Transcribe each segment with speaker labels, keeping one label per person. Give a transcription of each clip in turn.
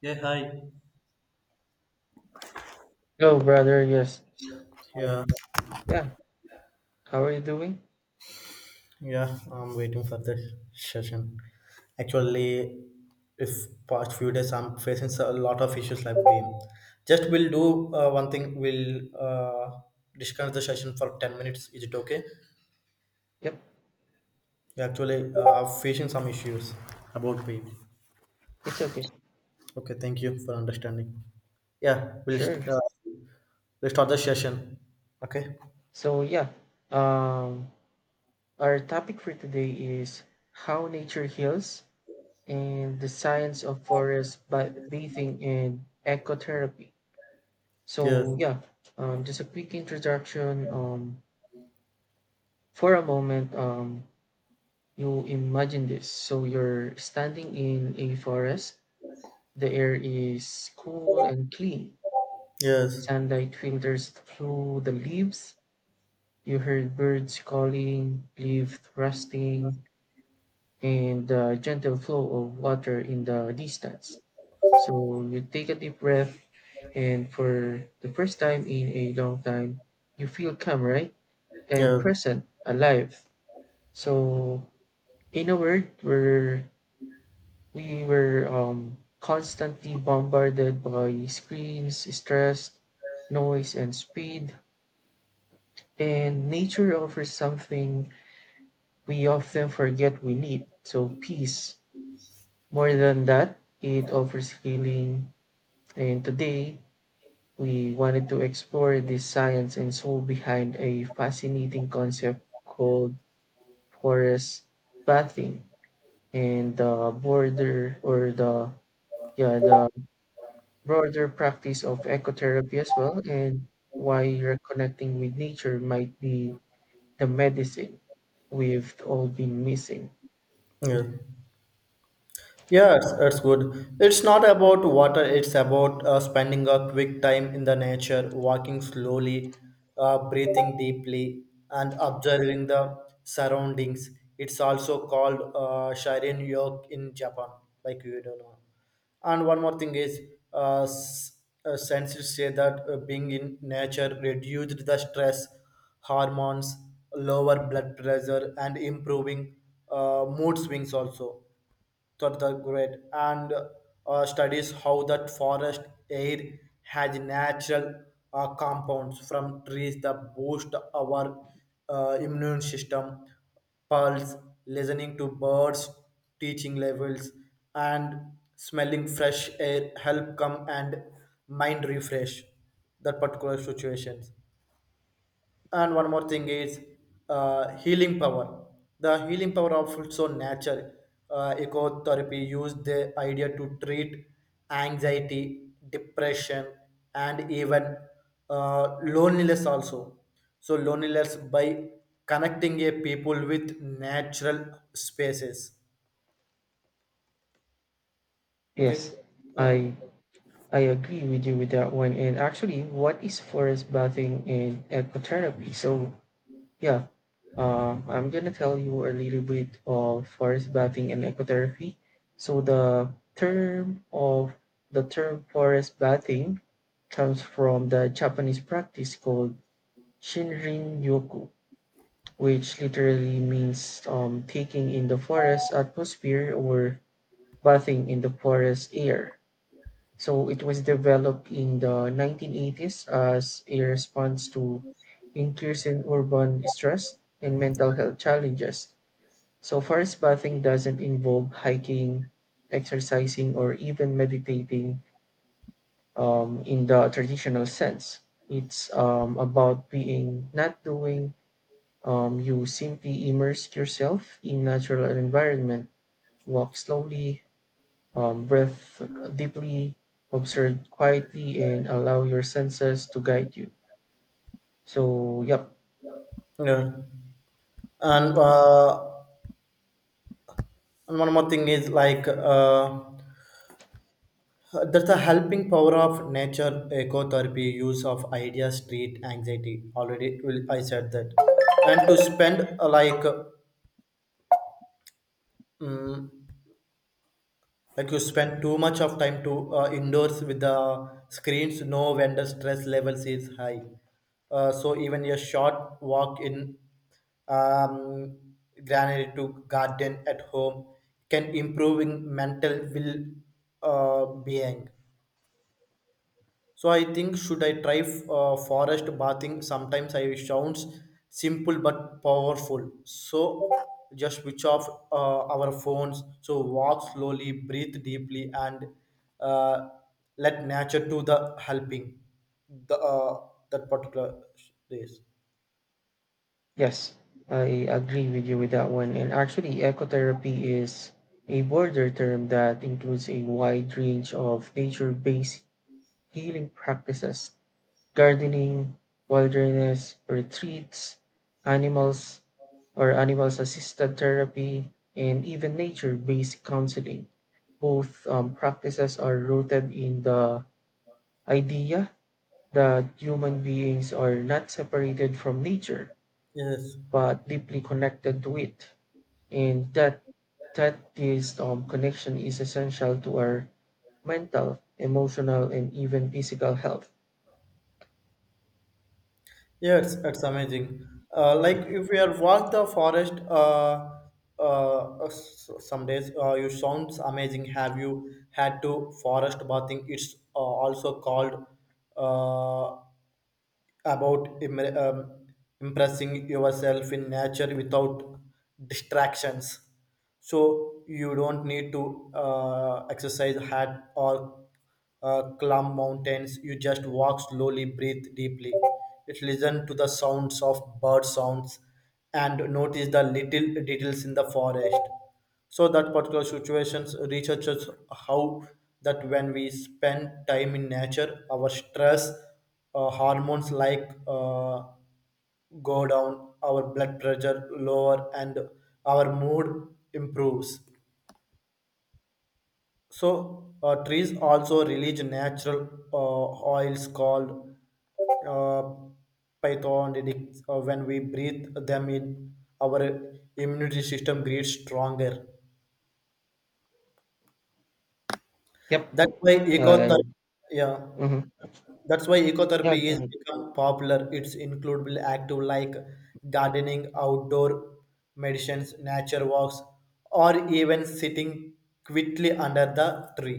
Speaker 1: Yeah, hi.
Speaker 2: Yo, brother, yes.
Speaker 1: Yeah,
Speaker 2: Um, yeah, how are you doing?
Speaker 1: yeah, I'm waiting for this session. Actually, if past few days I'm facing a lot of issues like we'll do one thing. We'll discuss the session for 10 minutes. Is it okay?
Speaker 2: Yep,
Speaker 1: We actually are facing some issues about we.
Speaker 2: it's okay.
Speaker 1: Okay, thank you for understanding. Yeah,
Speaker 2: Sure.
Speaker 1: we'll start the session. Okay.
Speaker 2: So, yeah, um, our topic for today is how nature heals and the science of bathing and ecotherapy.
Speaker 1: Yes.
Speaker 2: So, yeah, just a quick introduction. For a moment, you imagine this. So, you're standing in a forest, the air is cool and clean.
Speaker 1: Yes.
Speaker 2: Sunlight filters through the leaves. You heard birds calling, leaves rustling, and the gentle flow of water in the distance. So you take a deep breath, and for the first time in a long time, you feel calm, right? And
Speaker 1: Yes.
Speaker 2: present, alive. So, in a word, we were constantly bombarded by screens, stress, noise, and speed. And nature offers something we often forget we need. So, peace. More than that, it offers healing. And today, we wanted to explore the science and soul behind a fascinating concept called forest bathing and the border or the yeah the broader practice of ecotherapy as well, and why reconnecting with nature might be the medicine we've all been missing.
Speaker 1: Yes. Yes, it's good. It's not about water, it's about spending a quick time in the nature, walking slowly, breathing deeply, and observing the surroundings. It's also called Shirin Yok in Japan, like you don't know. And one more thing is, scientists say that being in nature reduced the stress hormones, lower blood pressure, and improving mood swings also to the great and studies how that forest air has natural compounds from trees that boost our immune system, pulse, listening to birds, teaching levels, and smelling fresh air help come and mind refresh that particular situations. And one more thing is healing power the healing power of also nature. Uh, ecotherapy used the idea to treat anxiety depression and even loneliness also, so loneliness by connecting a people with natural spaces. Okay,
Speaker 2: Yes,
Speaker 1: uh,
Speaker 2: I I agree with you with that one. And actually, what is forest bathing and ecotherapy? Yeah, I'm gonna tell you a little bit of forest bathing and ecotherapy. So the term forest bathing comes from the Japanese practice called Shinrin Yoku, which literally means taking in the forest atmosphere or bathing in the forest air. So it was developed in the 1980s as a response to increasing urban stress and mental health challenges. So forest bathing doesn't involve hiking, exercising, or even meditating in the traditional sense. It's about being not doing. You simply immerse yourself in natural environment, walk slowly, breathe deeply, observe quietly, and allow your senses to guide you. So, yep.
Speaker 1: yeah. And one more thing is like uh, there's a helping power of nature ecotherapy, use of ideas, street anxiety. Already, I said that. And to spend mm like you spend too much of time to indoors with the screens, no vendor stress levels is high. So even a short walk in um, granary to garden at home can improving mental will being. So I think, should I try forest bathing? Sometimes I sounds simple but powerful. So just switch off our phones. So walk slowly, breathe deeply, and uh, let nature do the helping. The that particular days.
Speaker 2: Yes, I agree with you with that one. And actually, ecotherapy is a broader term that includes a wide range of nature based healing practices: gardening, wilderness retreats, animals animals assisted therapy, and even nature based counseling. Both practices are rooted in the idea that human beings are not separated from nature
Speaker 1: Yes.
Speaker 2: but deeply connected to it, and that this connection is essential to our mental, emotional, and even physical health.
Speaker 1: Yes, it's amazing. Like if we are walk the forest, uh, some days you sounds amazing. Have you had to forest bathing? It's also called uh, about im- um, impressing yourself in nature without distractions, so you don't need to exercise hard or climb mountains. You just walk slowly, breathe deeply, it listen to the sounds of bird sounds, and notice the little details in the forest. So that particular situations researchers how that when we spend time in nature our stress hormones go down, our blood pressure lower, and our mood improves. So trees also release natural uh, oils called uh, pythonidic. Uh, when we breathe them in, our immunity system gets stronger.
Speaker 2: Yep.
Speaker 1: That's why
Speaker 2: I
Speaker 1: ecotherapy, yeah.
Speaker 2: mhm.
Speaker 1: That's why
Speaker 2: Yeah,
Speaker 1: ecotherapy
Speaker 2: go
Speaker 1: is
Speaker 2: ahead.
Speaker 1: become popular. It's include active like gardening, outdoor medicines, nature walks, or even sitting quietly under the tree.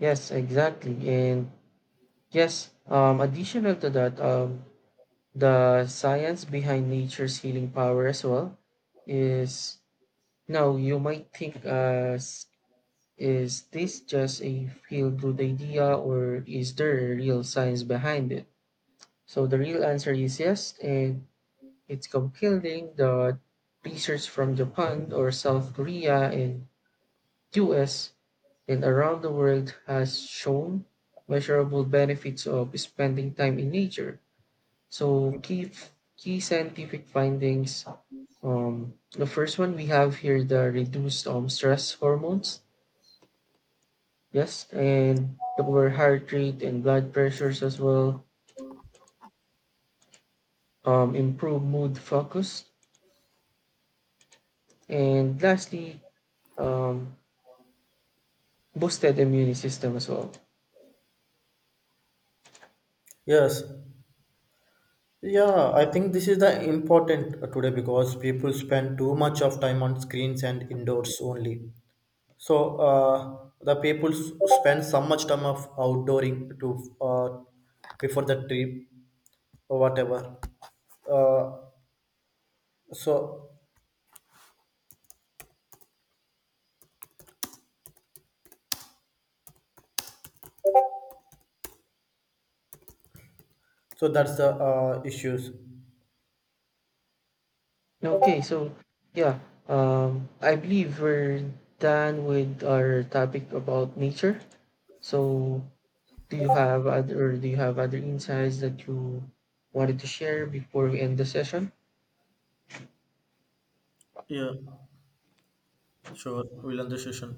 Speaker 2: Yes, exactly. And yes, additional to that, the science behind nature's healing power as well is, now you might think as, is this just a feel-good idea, or is there a real science behind it? So the real answer is yes, and it's compelling. The research from Japan or South Korea and US and around the world has shown measurable benefits of spending time in nature. So key scientific findings. The first one we have here, the reduced stress hormones. Yes, and lower heart rate and blood pressures as well. Improved mood, focus, and lastly, um, boosted immune system as well.
Speaker 1: Yes. Yeah, I think this is the important today because people spend too much of time on screens and indoors only. So the people spend so much time of outdooring to before the trip or whatever. Uh, so So that's the issues.
Speaker 2: Okay, so yeah, I believe we're done with our topic about nature. So, do you have other insights that you wanted to share before we end the session?
Speaker 1: Yeah, sure. We'll end the session.